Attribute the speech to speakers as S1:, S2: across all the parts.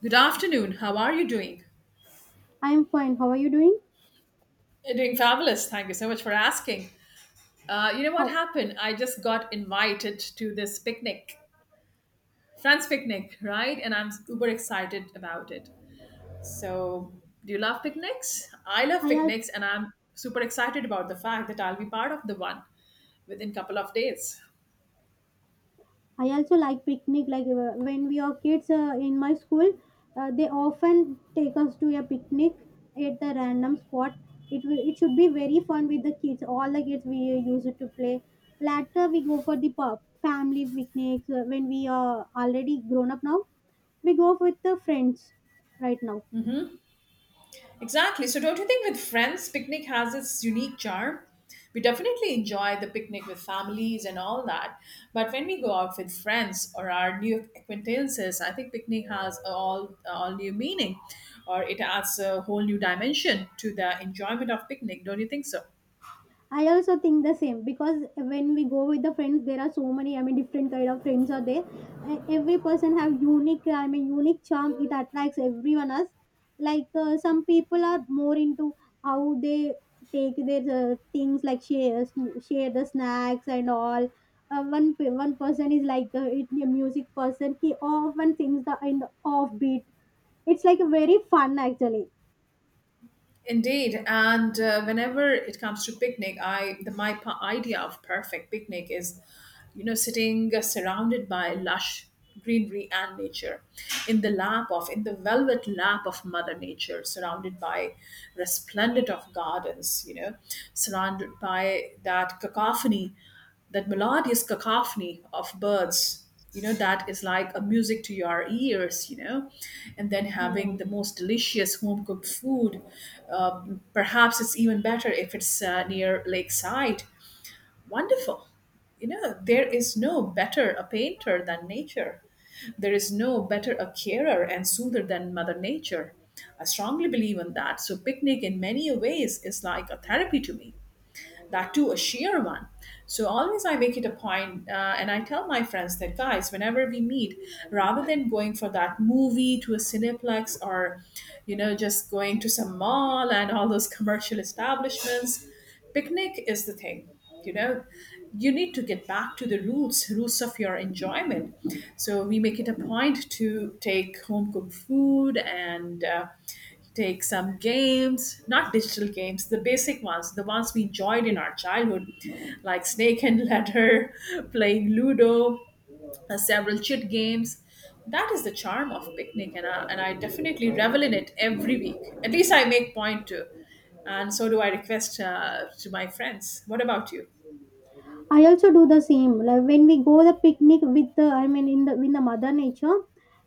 S1: Good afternoon. How are you doing?
S2: I am fine. How are you doing?
S1: Doing fabulous. Thank you so much for asking. You know what
S2: How
S1: happened? I just got invited to this picnic, friends picnic, right? And I'm super excited about it. So, do you love picnics? I love
S2: I al-
S1: picnics, and I'm super excited about the fact that I'll be part of the one within couple of days.
S2: I also like picnic. Like when we are kids in my school, they often take us to a picnic at the random spot. It should be very fun with the kids. All the kids we use it to play. Later we go for the pub, family picnics when we are already grown up now. We go with the friends right now.
S1: Exactly. So, don't you think with friends, picnic has its unique charm? We definitely enjoy the picnic with families and all that. But when we go out with friends or our new acquaintances, I think picnic has a all new meaning, or it adds a whole new dimension to the enjoyment of picnic. Don't you think so?
S2: I also think the same because when we go with the friends, there are so many. I mean, different kind of friends are there. Every person have unique. I mean, unique charm. It attracts everyone else. Like some people are more into how they take their things, like share the snacks and all. One person is like a music person. He often sings the in the offbeat. It's like very fun actually.
S1: Indeed, and whenever it comes to picnic, I the my pa- idea of perfect picnic is, you know, sitting surrounded by lush greenery and nature, in the velvet lap of Mother Nature, surrounded by resplendent of gardens, you know, surrounded by that cacophony, that melodious cacophony of birds. You know, that is like a music to your ears, you know, and then having
S2: Yeah.
S1: the most delicious home cooked food. Perhaps it's even better if it's near lakeside. Wonderful. You know, there is no better a painter than nature. There is no better a carer and soother than Mother Nature. I strongly believe in that. So, picnic in many ways is like a therapy to me, that too a sheer one. So always I make it a point, and I tell my friends that guys, whenever we meet, rather than going for that movie to a cineplex or, you know, just going to some mall and all those commercial establishments, picnic is the thing. You know, you need to get back to the roots, roots of your enjoyment. So we make it a point to take home cooked food and take some games, not digital games, the basic ones, the ones we enjoyed in our childhood, like Snake and Ladder, playing Ludo, several chit games. That is the charm of picnic, and I definitely revel in it every week. At least I make point to, and so do I request to my friends. What about you?
S2: I also do the same. Like when we go the picnic with I mean, in the mother nature,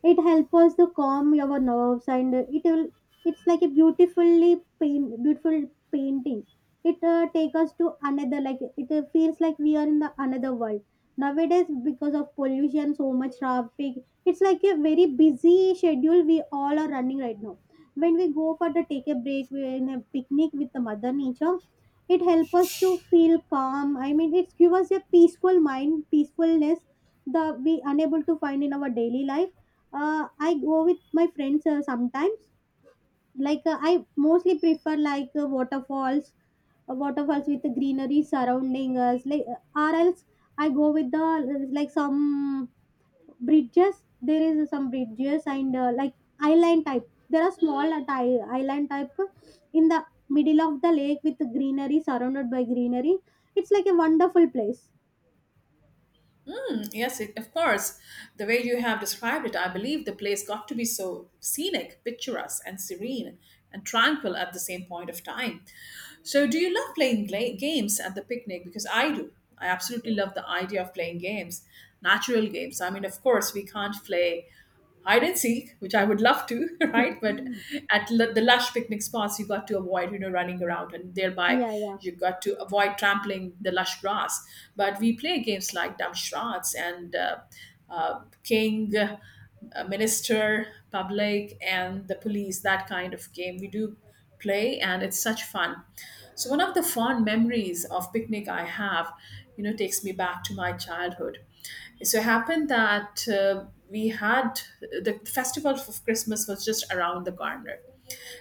S2: it helps us to calm our nerves, and it will. It's like a beautiful painting. It take us to another. Like it feels like we are in the another world. Nowadays, because of pollution, so much traffic, it's like a very busy schedule we all are running right now. When we go for the take a break, we're in a picnic with the mother nature, it helps us to feel calm. I mean, it gives us a peaceful mind, peacefulness that we unable to find in our daily life. I go with my friends sometimes. Like I mostly prefer like waterfalls, waterfalls with the greenery surrounding us. Like or else I go with the like some bridges. There is some bridges and like island type. There are small island type in the middle of the lake with greenery, surrounded by greenery. It's like a wonderful place.
S1: Mm, yes, it, of course. The way you have described it, I believe the place got to be so scenic, picturesque, and serene and tranquil at the same point of time. So, do you love playing games at the picnic? Because I do. I absolutely love the idea of playing games, natural games. I mean, of course, we can't play hide and seek, which I would love to, right? But the lush picnic spots, you got to avoid, you know, running around, and thereby
S2: Yeah, yeah.
S1: you got to avoid trampling the lush grass. But we play games like Dumb Charades and King, Minister, Public, and the Police. That kind of game we do play, and it's such fun. So one of the fond memories of picnic I have, you know, takes me back to my childhood. So it happened that we had the festival of Christmas was just around the corner,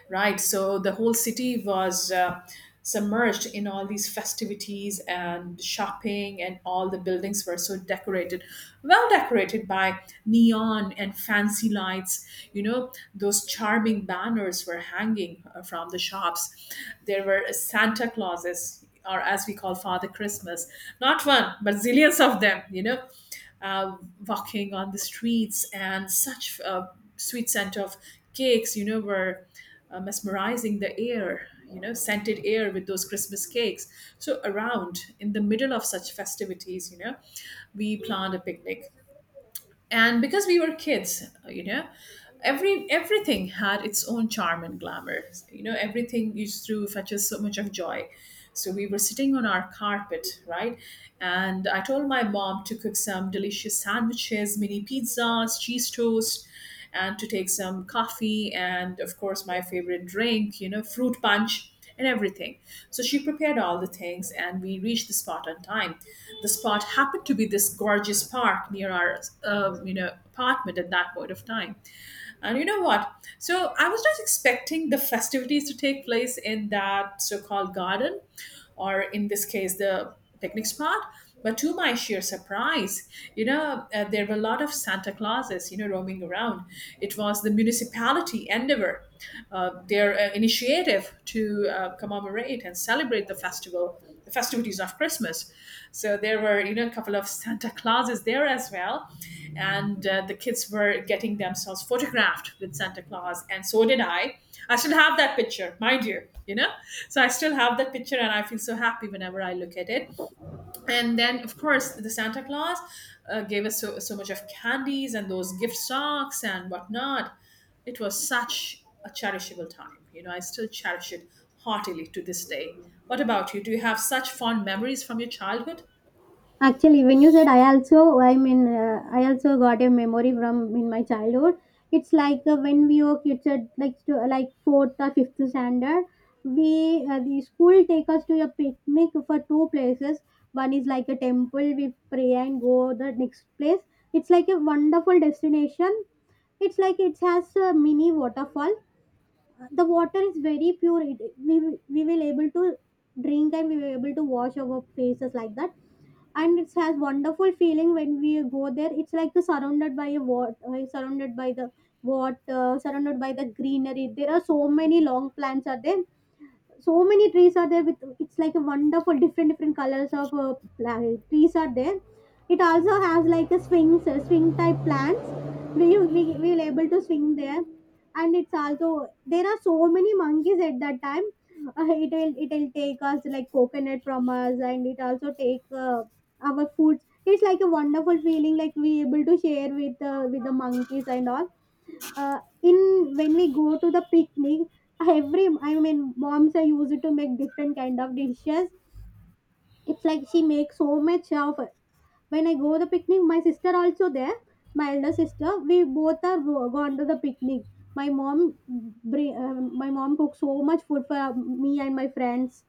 S1: right? So the whole city was submerged in all these festivities and shopping, and all the buildings were so decorated, well decorated by neon and fancy lights. You know, those charming banners were hanging from the shops. There were Santa Clauses, or as we call Father Christmas, not one, but zillions of them, you know, uh, walking on the streets, and such a sweet scent of cakes, you know, were mesmerizing the air, you know, scented air with those Christmas cakes. So, around in the middle of such festivities, you know, we planned a picnic. And because we were kids, you know, everything had its own charm and glamour. You know, everything used to fetch us so much of joy. So we were sitting on our carpet, right, and I told my mom to cook some delicious sandwiches, mini pizzas, cheese toast, and to take some coffee and of course my favorite drink, you know, fruit punch and everything. So she prepared all the things and we reached the spot on time. The spot happened to be this gorgeous park near our you know apartment at that point of time. And you know what? So I was not expecting the festivities to take place in that so called garden, or in this case, the picnic spot. But to my sheer surprise, you know, there were a lot of Santa Clauses, you know, roaming around. It was the municipality endeavor, their initiative to commemorate and celebrate the festival, the festivities of Christmas. So there were, you know, a couple of Santa Clauses there as well, and the kids were getting themselves photographed with Santa Claus, and so did I. I still have that picture, mind you, you know. So I still have that picture, and I feel so happy whenever I look at it. And then, of course, the Santa Claus gave us so, so much of candies and those gift socks and whatnot. It was such a cherishable time. You know, I still cherish it heartily to this day. What about you? Do you have such fond memories from your childhood?
S2: Actually, when you said I also, I mean, I also got a memory from in my childhood. It's like when we were kids at like to, like fourth or fifth standard, we the school take us to a picnic for two places. One is like a temple, we pray and go the next place. It's like a wonderful destination. It's like it has a mini waterfall. The water is very pure. It, we will able to drink, and we were able to wash our faces like that. And it has wonderful feeling when we go there. It's like surrounded by a water, surrounded by the water, surrounded by the greenery. There are so many long plants are there, so many trees are there with it's like a wonderful different different colors of trees are there. It also has like a swings, swing type plants. We will able to swing there. And it's also there are so many monkeys at that time. It will take us like coconut from us, and it also take our foods. It's like a wonderful feeling, like we able to share with the monkeys and all. In when we go to the picnic, every, I mean, moms are used to make different kind of dishes. It's like she makes so much of. When I go the picnic, my sister also there, my elder sister. We both are gone to the picnic. My mom, my mom cooks so much food for me and my friends,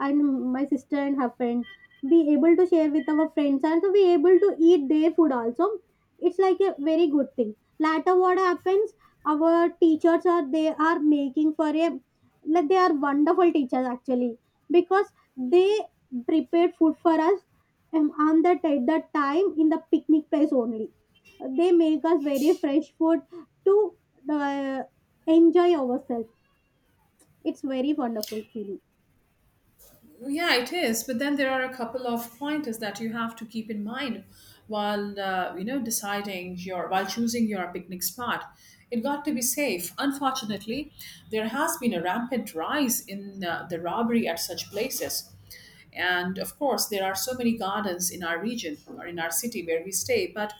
S2: and my sister and her friend. Be able to share with our friends, and so we able to eat their food also. It's like a very good thing. Later, what happens? Our teachers are they are making for a like they are wonderful teachers actually, because they prepared food for us on that at that time in the picnic place only. They make us very fresh food to uh, enjoy ourselves. It's very wonderful feeling.
S1: Yeah, it is. But then there are a couple of pointers that you have to keep in mind while you know deciding your while choosing your picnic spot. It got to be safe. Unfortunately, there has been a rampant rise in the robbery at such places. And of course, there are so many gardens in our region or in our city where we stay. But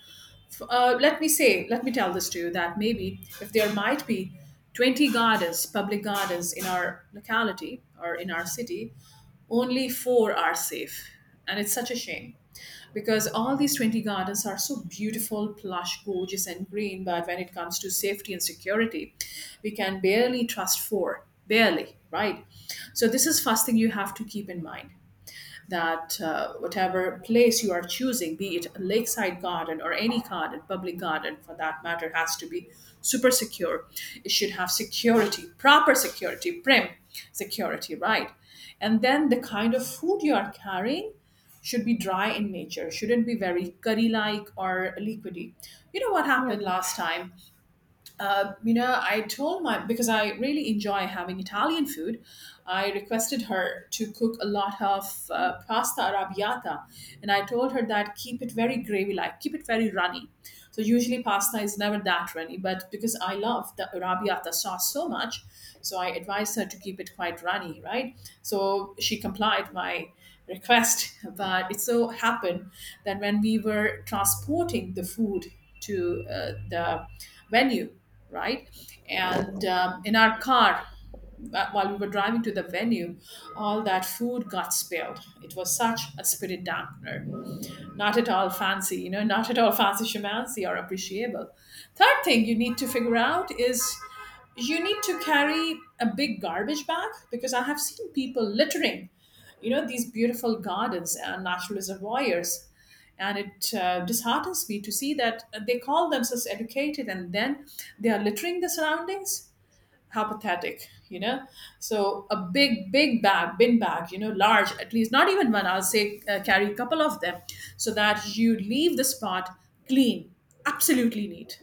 S1: let me say, let me tell this to you that maybe if there might be 20 gardens, public gardens in our locality or in our city, only four are safe, and it's such a shame, because all these 20 gardens are so beautiful, plush, gorgeous and green, but when it comes to safety and security, we can barely trust four, barely, right? So this is first thing you have to keep in mind, that whatever place you are choosing, be it a lakeside garden or any garden, public garden for that matter, has to be super secure. It should have security, proper security, prim security, right? And then the kind of food you are carrying should be dry in nature, shouldn't be very curry like or liquidy. You know what
S2: Yeah,
S1: happened
S2: yeah.
S1: last time? You know, I told my, because I really enjoy having Italian food. I requested her to cook a lot of pasta arrabbiata, and I told her that keep it very gravy like, keep it very runny. So usually pasta is never that runny, but because I love the arrabbiata sauce so much, so I advised her to keep it quite runny, right? So she complied my request, but it so happened that when we were transporting the food to the venue, right? And in our car, while we were driving to the venue, all that food got spilled. It was such a spirit dampener, not at all fancy, you know, not at all fancy shamancy or appreciable. Third thing you need to figure out is you need to carry a big garbage bag, because I have seen people littering, you know, these beautiful gardens and natural reservoirs. And it disheartens me to see that they call themselves educated and then they are littering the surroundings. Apathetic, you know. So a big big bag bin bag, you know, large, at least not even one, I'll say, carry a couple of them, so that you leave the spot clean, absolutely neat.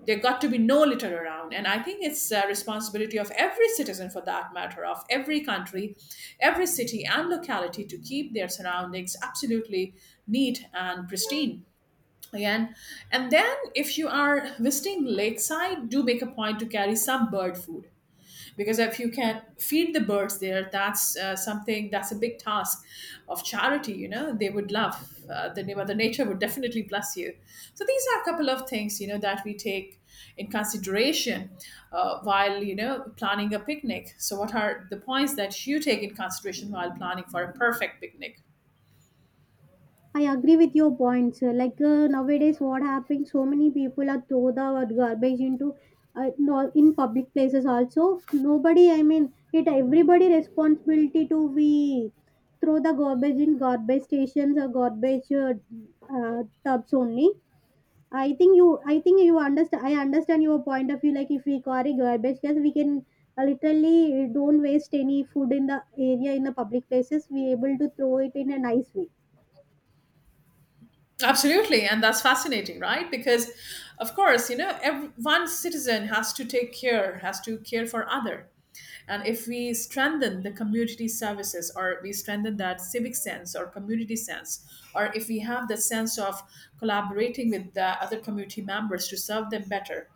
S1: There got to be no litter around, and I think it's a responsibility of every citizen, for that matter of every country, every city and locality, to keep their surroundings absolutely neat and pristine again. And then if you are visiting lakeside, do make a point to carry some bird food, because if you can feed the birds there, that's something, that's a big task of charity, you know. They would love, the mother nature would definitely bless you. So these are a couple of things, you know, that we take in consideration while you know planning a picnic. So what are the points that you take in consideration while planning for a perfect picnic?
S2: I agree with your points. Like nowadays, what happened? So many people are throw the garbage into no, in public places also. Nobody, I mean, it everybody responsibility to we throw the garbage in garbage stations or garbage tubs only. I think you understand. I understand your point of view. Like if we carry garbage, yes, we can literally don't waste any food in the area in the public places, we able to throw it in a nice way.
S1: Absolutely, and that's fascinating, right? Because, of course, you know, every, one citizen has to take care, has to care for other. And if we strengthen the community services, or we strengthen that civic sense or community sense, or if we have the sense of collaborating with the other community members to serve them better,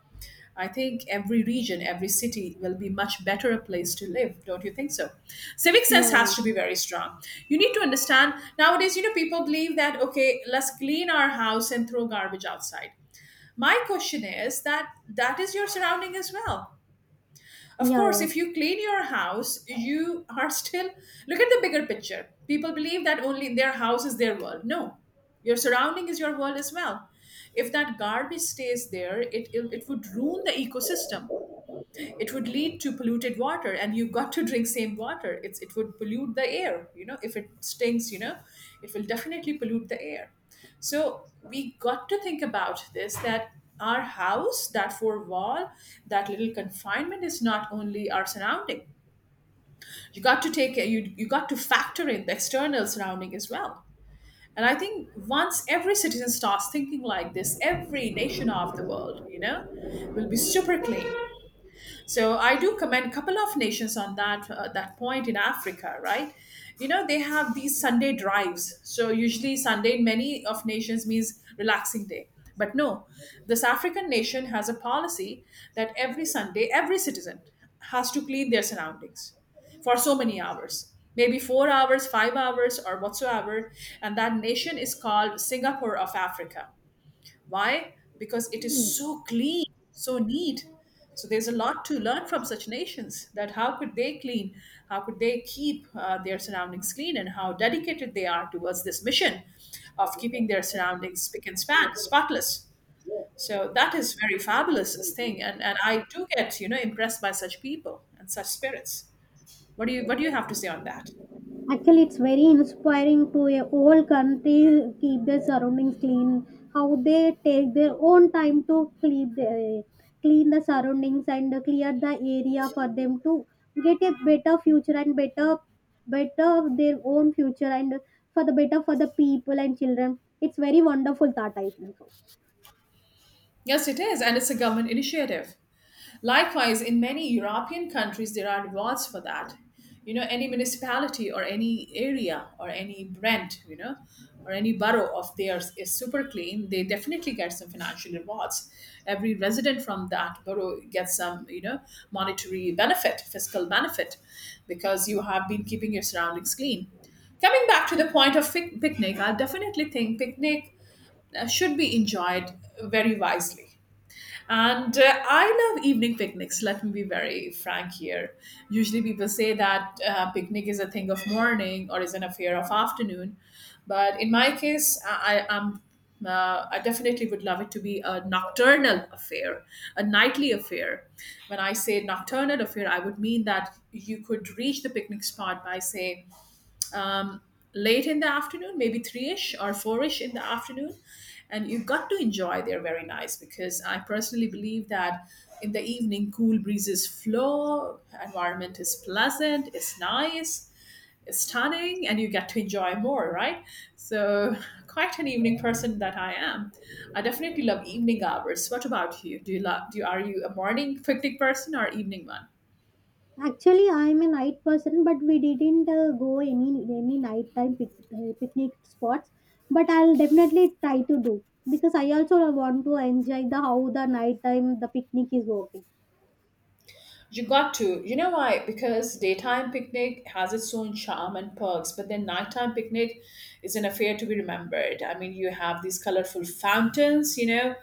S1: I think every region, every city will be much better a place to live. Don't you think so? Civic
S2: Yeah,
S1: sense has
S2: yeah.
S1: to be very strong. You need to understand nowadays, you know, people believe that, okay, let's clean our house and throw garbage outside. My question is that that is your surrounding as well. Of
S2: Yeah,
S1: course,
S2: yeah,
S1: if you clean your house, you are still look at the bigger picture. People believe that only their house is their world. No, your surrounding is your world as well. If that garbage stays there, it would ruin the ecosystem. It would lead to polluted water, and you've got to drink same water. It's it would pollute the air, you know. If it stinks, you know, it will definitely pollute the air. So we got to think about this, that our house, that four wall, that little confinement is not only our surrounding. You got to take you got to factor in the external surrounding as well. And I think once every citizen starts thinking like this, every nation of the world, you know, will be super clean. So I do commend a couple of nations on that that point in Africa, right? You know, they have these Sunday drives. So usually Sunday in many of nations means relaxing day. But no, this African nation has a policy that every Sunday every citizen has to clean their surroundings for so many hours, maybe 4 hours, 5 hours, or whatsoever. And that nation is called Singapore of Africa. Why? Because it is so clean, so neat. So there's a lot to learn from such nations, that how could they clean, how could they keep their surroundings clean, and how dedicated they are towards this mission of keeping their surroundings spick and span, spotless. So that is very fabulous thing, and I do get, you know, impressed by such people and such spirits. What do you have to say on that?
S2: actually it's very inspiring to a whole country keep their surroundings clean, how they take their own time to clean the surroundings and clear the area for them to get a better future, and better, better their own future, and for the better for the people and children. It's very wonderful thought, I think.
S1: Yes, it is, and it's a government initiative. Likewise, in many European countries, there are rewards for that. You know, any municipality or any area or any brand, you know, or any borough of theirs is super clean, they definitely get some financial rewards. Every resident from that borough gets some, you know, monetary benefit, fiscal benefit, because you have been keeping your surroundings clean. Coming back to the point of picnic, I definitely think picnic should be enjoyed very wisely. And I love evening picnics, let me be very frank here. Usually people say that picnic is a thing of morning or is an affair of afternoon. But in my case, I am I definitely would love it to be a nocturnal affair, a nightly affair. When I say nocturnal affair, I would mean that you could reach the picnic spot by, say, um, late in the afternoon, maybe three ish or four ish in the afternoon. And you got to enjoy. They're very nice because I personally believe that in the evening, cool breezes flow, environment is pleasant, it's nice, it's stunning, and you get to enjoy more, right? So, quite an evening person that I am. I definitely love evening hours. What about you? Do you love? Are you a morning picnic person or evening one?
S2: Actually, I'm a night person, but we didn't go any nighttime picnic spots. But I'll definitely try to do because I also want to enjoy the how the nighttime the picnic is working.
S1: You got to. You know why? Because daytime picnic has its own charm and perks, but then nighttime picnic is an affair to be remembered. I mean, you have these colorful fountains, you know,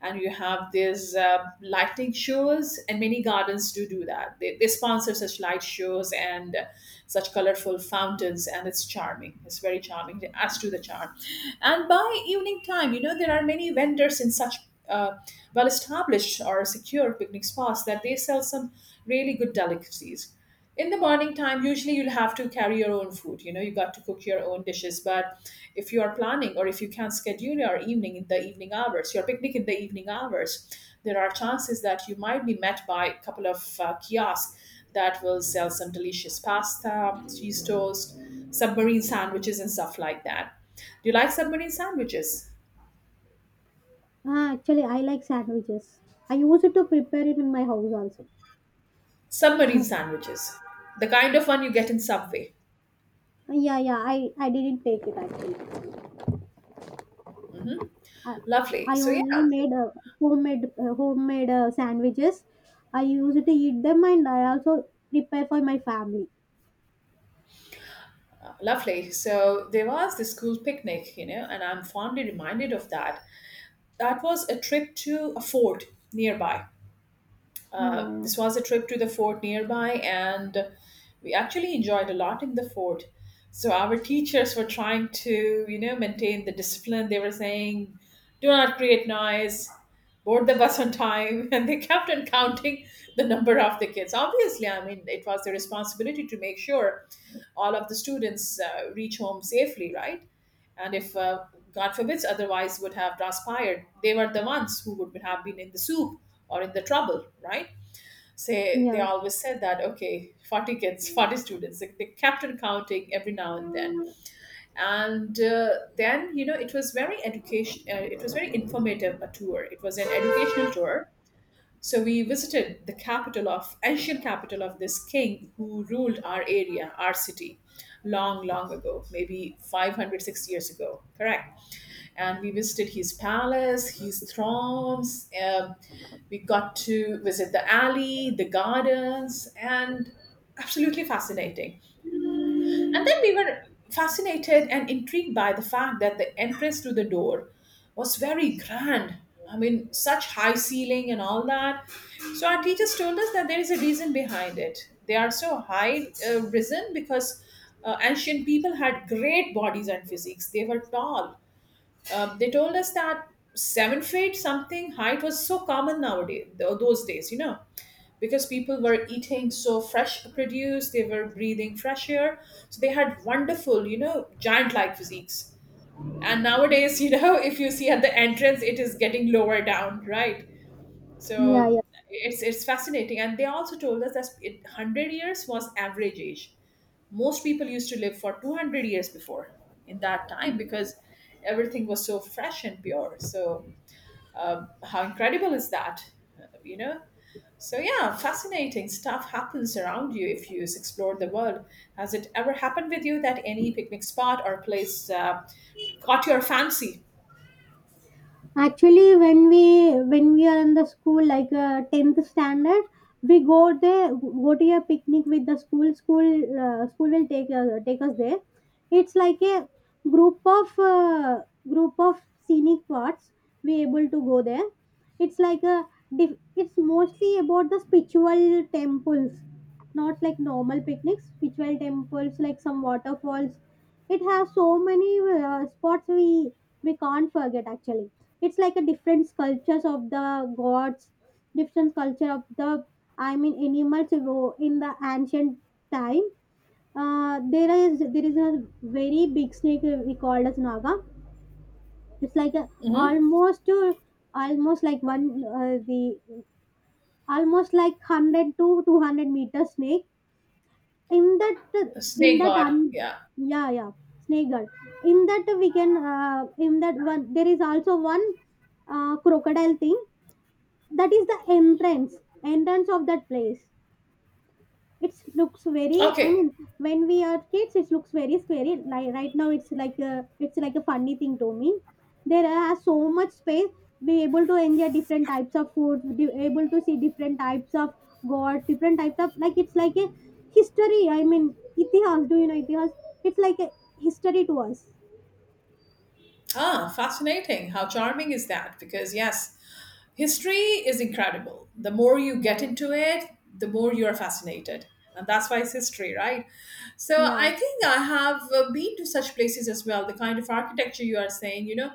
S1: and you have these lightning shows, and many gardens do that. They sponsor such light shows and such colorful fountains, and it's charming. It's very charming. It adds to the charm. And by evening time, you know, there are many vendors in such uh, well established or secure picnic spots that they sell some really good delicacies. In the morning time, usually you'll have to carry your own food. You know, you got to cook your own dishes. But if you are planning, or if you can schedule your evening in the evening hours, your picnic in the evening hours, there are chances that you might be met by a couple of kiosks that will sell some delicious pasta, cheese toast, submarine sandwiches, and stuff like that. Do you like submarine sandwiches?
S2: Ah, actually, I like sandwiches. I used to prepare it in my house also.
S1: Submarine sandwiches, the kind of one you get in Subway.
S2: Yeah, yeah. I didn't take it actually. I,
S1: Lovely.
S2: I
S1: So
S2: only
S1: yeah,
S2: made homemade homemade sandwiches. I used to eat them, and I also prepare for my family.
S1: lovely. So there was the school picnic, you know, and I'm fondly reminded of that. That was a trip to a fort nearby.
S2: Yeah,
S1: Uh,
S2: yeah.
S1: this was a trip to the fort nearby, and we actually enjoyed a lot in the fort. So our teachers were trying to, you know, maintain the discipline. They were saying, "Do not create noise, board the bus on time," and they kept on counting the number of the kids. Obviously, I mean, it was their responsibility to make sure all of the students reach home safely, right? And if God forbids, otherwise would have transpired. They were the ones who would have been in the soup or in the trouble, right? Say they
S2: Yeah,
S1: always said that okay, 40 kids, 40 students, like they kept on counting every now and then. And then, you know, it was very education it was very informative a tour. It was an educational tour. So we visited the capital of ancient capital of this king who ruled our area, our city long long ago, maybe 506 years ago, correct. And we visited his palace, his thrones. We got to visit the alley, the gardens, and absolutely fascinating. And then we were fascinated and intrigued by the fact that the entrance to the door was very grand. I mean, such high ceiling and all that. So our teachers told us that there is a reason behind it. They are so high risen because ancient people had great bodies and physiques. They were tall. They told us that 7 feet something height was so common nowadays, those days, you know, because people were eating so fresh produce, they were breathing fresh air, so they had wonderful, you know, giant like physiques. And nowadays, you know, if you see at the entrance, it is getting lower down, right?
S2: yeah,
S1: So
S2: yeah.
S1: it's fascinating. And they also told us that it, 100 years was average age. Most people used to live for 200 years before, in that time, because everything was so fresh and pure. So how incredible is that? You know, so yeah, fascinating stuff happens around you if you explore the world. Has it ever happened with you that any picnic spot or place caught your fancy?
S2: Actually, when we are in the school, like tenth standard, we go there, go to a picnic with the school. School will take take us there. It's like a group of uh, group of scenic parts. We able to go there. It's like a it's mostly about the spiritual temples, not like normal picnics. Spiritual temples like some waterfalls. It has so many spots we can't forget actually. It's like a different sculptures of the gods, different sculpture of the, I mean, animals in the ancient time. There is a very big snake, we called as naga. It's like a,
S1: Hmm.
S2: almost almost like one the almost like 100 to 200 meter snake in that.
S1: The
S2: in
S1: snake
S2: that un,
S1: god, yeah.
S2: yeah, yeah, snake girl. In that we can, in that one there is also one crocodile thing. That is the entrance, entrance of that place. It looks very, I
S1: Okay.
S2: mean, when we are kids it looks very scary. Like right now it's like a funny thing to me. There are so much space. Be able to enjoy different types of food. We able to see different types of god, different types of like it's like a history. I mean, itihas, do you know itihas? It's like a history to us.
S1: Ah, fascinating. How charming is that? Because yes, history is incredible. The more you get
S2: Yeah,
S1: into it, the more you're fascinated. And that's why it's history, right? So
S2: yeah.
S1: I think I have been to such places as well. The kind of architecture you are saying, you know,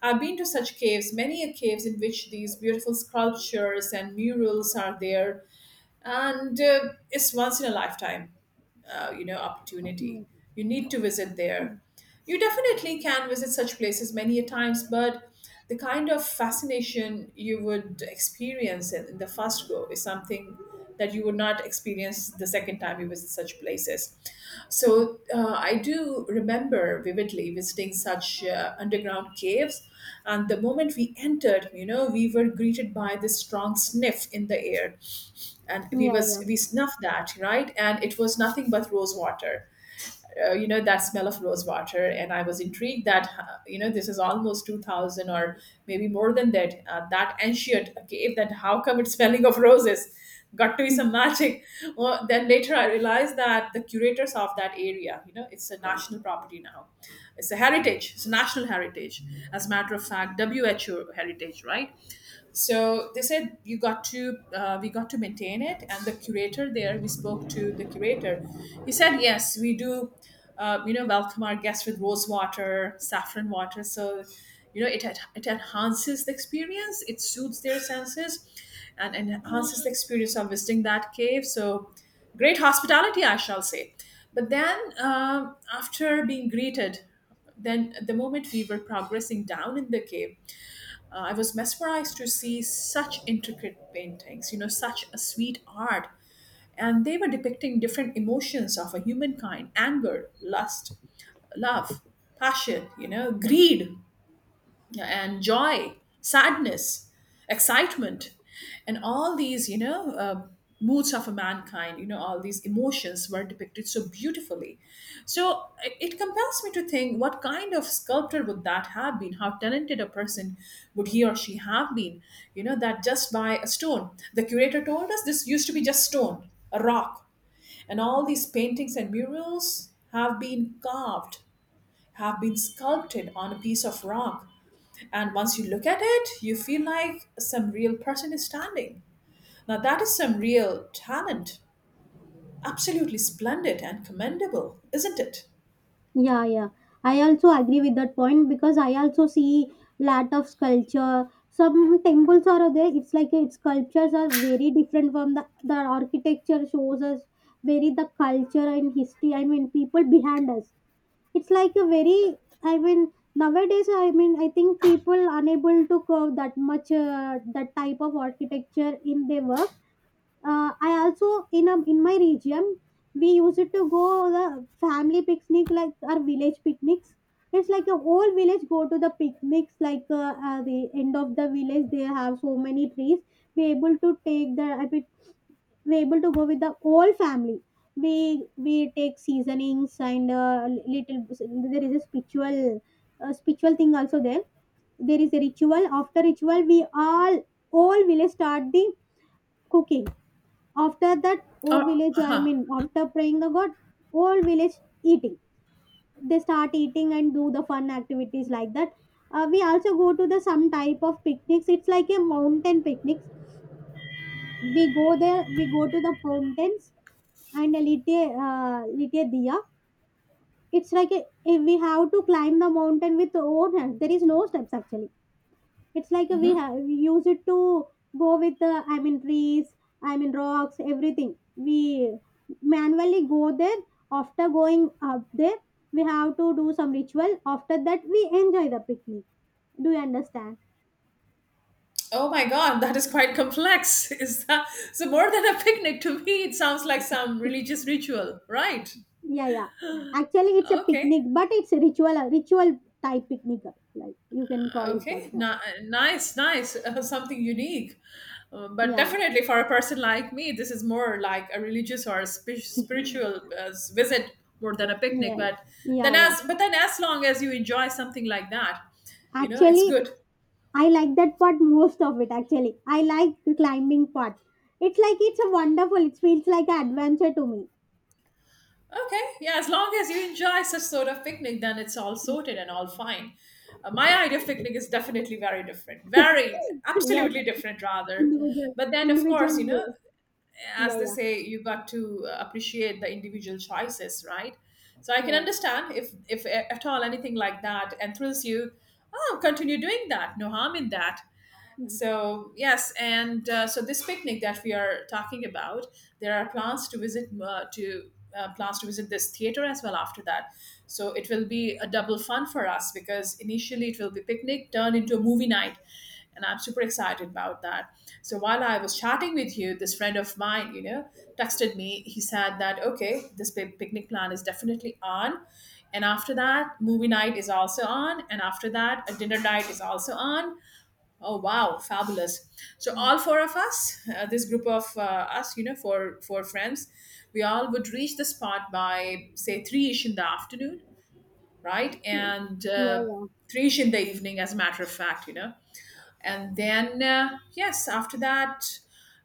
S1: I've been to such caves, many a caves in which these beautiful sculptures and murals are there. And it's once in a lifetime you know opportunity.
S2: Yeah,
S1: You need to visit there. You definitely can visit such places many a times, but the kind of fascination you would experience in the first go is something that you would not experience the second time you visit such places. So I do remember vividly visiting such underground caves. And the moment we entered, you know, we were greeted by this strong sniff in the air, and we
S2: yeah,
S1: was
S2: yeah.
S1: we snuffed that, right? And it was nothing but rose water. You know that smell of rose water. And I was intrigued that you know, this is almost 2000, or maybe more than that, that ancient cave, that how come it's smelling of roses. Got to be some magic. Well, then later I realized that the curators of that area, you know, it's a national property now. It's a heritage. It's a national heritage, as a matter of fact. Who heritage, right? So they said, you got to we got to maintain it. And the curator there, we spoke to the curator. He said, yes, we do you know, welcome our guests with rose water, saffron water. So you know it, it enhances the experience. It soothes their senses and enhances the experience of visiting that cave. So great hospitality, I shall say. But then after being greeted, then the moment we were progressing down in the cave, I was mesmerized to see such intricate paintings, you know, such a sweet art. And they were depicting different emotions of a humankind: anger, lust, love, passion, you know, greed and joy, sadness, excitement, and all these, you know, moods of a mankind, you know, all these emotions were depicted so beautifully. So it compels me to think what kind of sculptor would that have been? How talented a person would he or she have been? You know, that just by a stone. The curator told us this used to be just stone, a rock. And all these paintings and murals have been carved, have been sculpted on a piece of rock, and once you look at it, you feel like some real person is standing. Now, that is some real talent. Absolutely splendid and commendable, isn't it?
S2: Yeah, yeah. I also agree with that point, because I also see lot of sculpture. Some temples are there. It's like its sculptures are very different from the architecture shows us very the culture and history. I mean, people behind us. It's like a very. I mean, nowadays, I mean, I think people unable to curve that much that type of architecture in their work. I also in a, in my region, we used to go the family picnic like our village picnics. It's like a whole village go to the picnics. Like the end of the village, they have so many trees. We able to take the, I mean, we able to go with the whole family. We take seasonings and little. There is a spiritual spiritual thing also there. There is a ritual. After ritual, we all village start the cooking. After that, oh
S1: Oh,
S2: village, I
S1: uh-huh.
S2: mean, after praying the god, all village eating. They start eating and do the fun activities like that. We also go to the some type of picnics. It's like a mountain picnic. We go there. We go to the mountains and lit a lit a diya. It's like a, we have to climb the mountain with our own hands. There is no steps actually. It's like we have we use it to go with the, I mean, trees, I mean, rocks, everything we manually go there. After going up there, we have to do some ritual. After that, we enjoy the picnic. Do you understand?
S1: Oh my God, that is quite complex. Is that so? More than a picnic to me, it sounds like some religious ritual, right?
S2: Yeah, yeah, actually it's a
S1: Okay.
S2: picnic, but it's a ritual, a ritual type picnic. Like you can call it like
S1: Okay,
S2: that.
S1: Nice, nice, something unique. But
S2: Yeah,
S1: definitely for a person like me, this is more like a religious or a spiritual visit more than a picnic.
S2: yeah. Yeah, yeah,
S1: But then, as long as you enjoy something like that, you know, it's
S2: actually
S1: good.
S2: I like that part most of it actually. I like the climbing part. It's like it's a wonderful. It feels like an adventure to me.
S1: Okay, yeah, as long as you enjoy such sort of picnic, then it's all sorted and all fine. My idea of picnic is definitely very different,
S2: Yeah,
S1: very
S2: yeah,
S1: absolutely different rather.
S2: individual,
S1: But then, of course, you know,
S2: individual.
S1: as
S2: Yeah,
S1: they
S2: yeah,
S1: say, you got to appreciate the individual choices, right? So I can
S2: yeah.
S1: understand if at all anything like that enthralls you, oh, continue doing that, no harm in that. So yes, and so this picnic that we are talking about, there are plans to visit to plans to visit this theater as well after that. So it will be a double fun for us because initially it will be picnic turned into a movie night, and I'm super excited about that. So while I was chatting with you, this friend of mine, you know, texted me. He said that, okay, this picnic plan is definitely on, and after that movie night is also on, and after that a dinner night is also on. Oh wow, fabulous! So
S2: Mhm.
S1: all four of us, this group of us, you know, four friends, we all would reach the spot by say three ish in the afternoon, right? And
S2: Yeah, yeah.
S1: three ish in the evening, as a matter of fact, you know. And then yes, after that,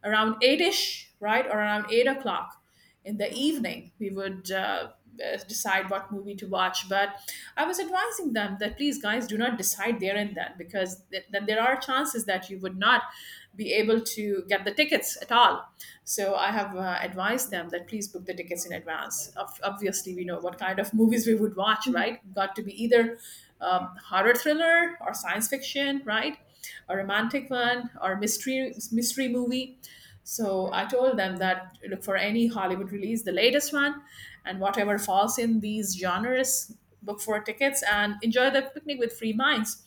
S1: around eight ish, right, or around 8 o'clock in the evening, we would decide what movie to watch. But I was advising them that please guys, do not decide there and then, because then there are chances that you would not be able to get the tickets at all. So I have advised them that please book the tickets in advance. Obviously, we know what kind of movies we would watch,
S2: Mhm.
S1: right? Got to be either horror thriller or science fiction, right, a romantic one or mystery movie. So I told them that look for any Hollywood release, the latest one, and whatever falls in these genres, book for tickets and enjoy the picnic with free minds.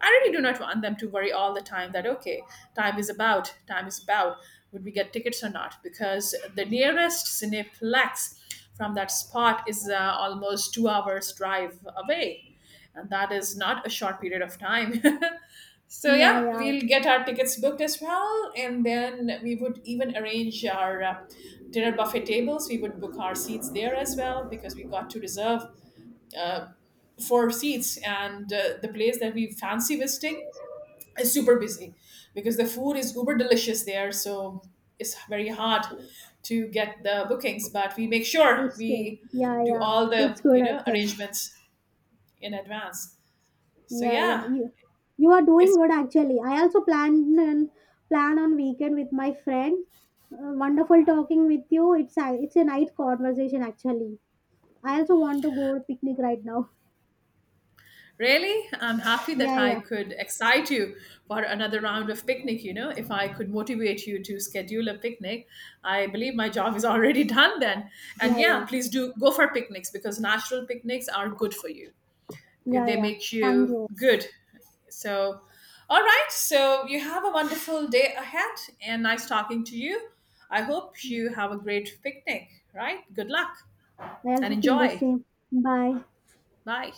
S1: I really do not want them to worry all the time that, okay, time is about, would we get tickets or not? Because the nearest Cineplex from that spot is almost 2 hours drive away. And that is not a short period of time. So
S2: Yeah,
S1: yeah,
S2: yeah.
S1: we'll get our tickets booked as well, and then we would even arrange our dinner buffet tables. We would book our seats there as well because we got to reserve 4 seats, and the place that we fancy visiting is super busy because the food is uber delicious there. So it's very hard to get the bookings, but we make sure
S2: It's good.
S1: we
S2: Yeah,
S1: do
S2: yeah,
S1: all the,
S2: it's
S1: you
S2: good
S1: know,
S2: actually.
S1: arrangements in advance. So
S2: Yeah, yeah.
S1: yeah,
S2: You are doing
S1: it's…
S2: good actually. I also plan on plan on weekend with my friend. Wonderful talking with you. It's a night conversation actually. I also want to go to picnic right now.
S1: Really? I'm happy that
S2: Yeah,
S1: I
S2: yeah.
S1: could excite you for another round of picnic. You know, if I could motivate you to schedule a picnic, I believe my job is already done then. And
S2: Yeah,
S1: yeah,
S2: yeah.
S1: please do go for picnics because natural picnics are good for you.
S2: Yeah,
S1: They
S2: yeah.
S1: make
S2: Thank
S1: you
S2: you.
S1: good. So, all right. So, you have a wonderful day ahead and nice talking to you. I hope you have a great picnic, right? Good luck
S2: I
S1: and
S2: also feel the
S1: enjoy.
S2: same. Bye.
S1: Bye.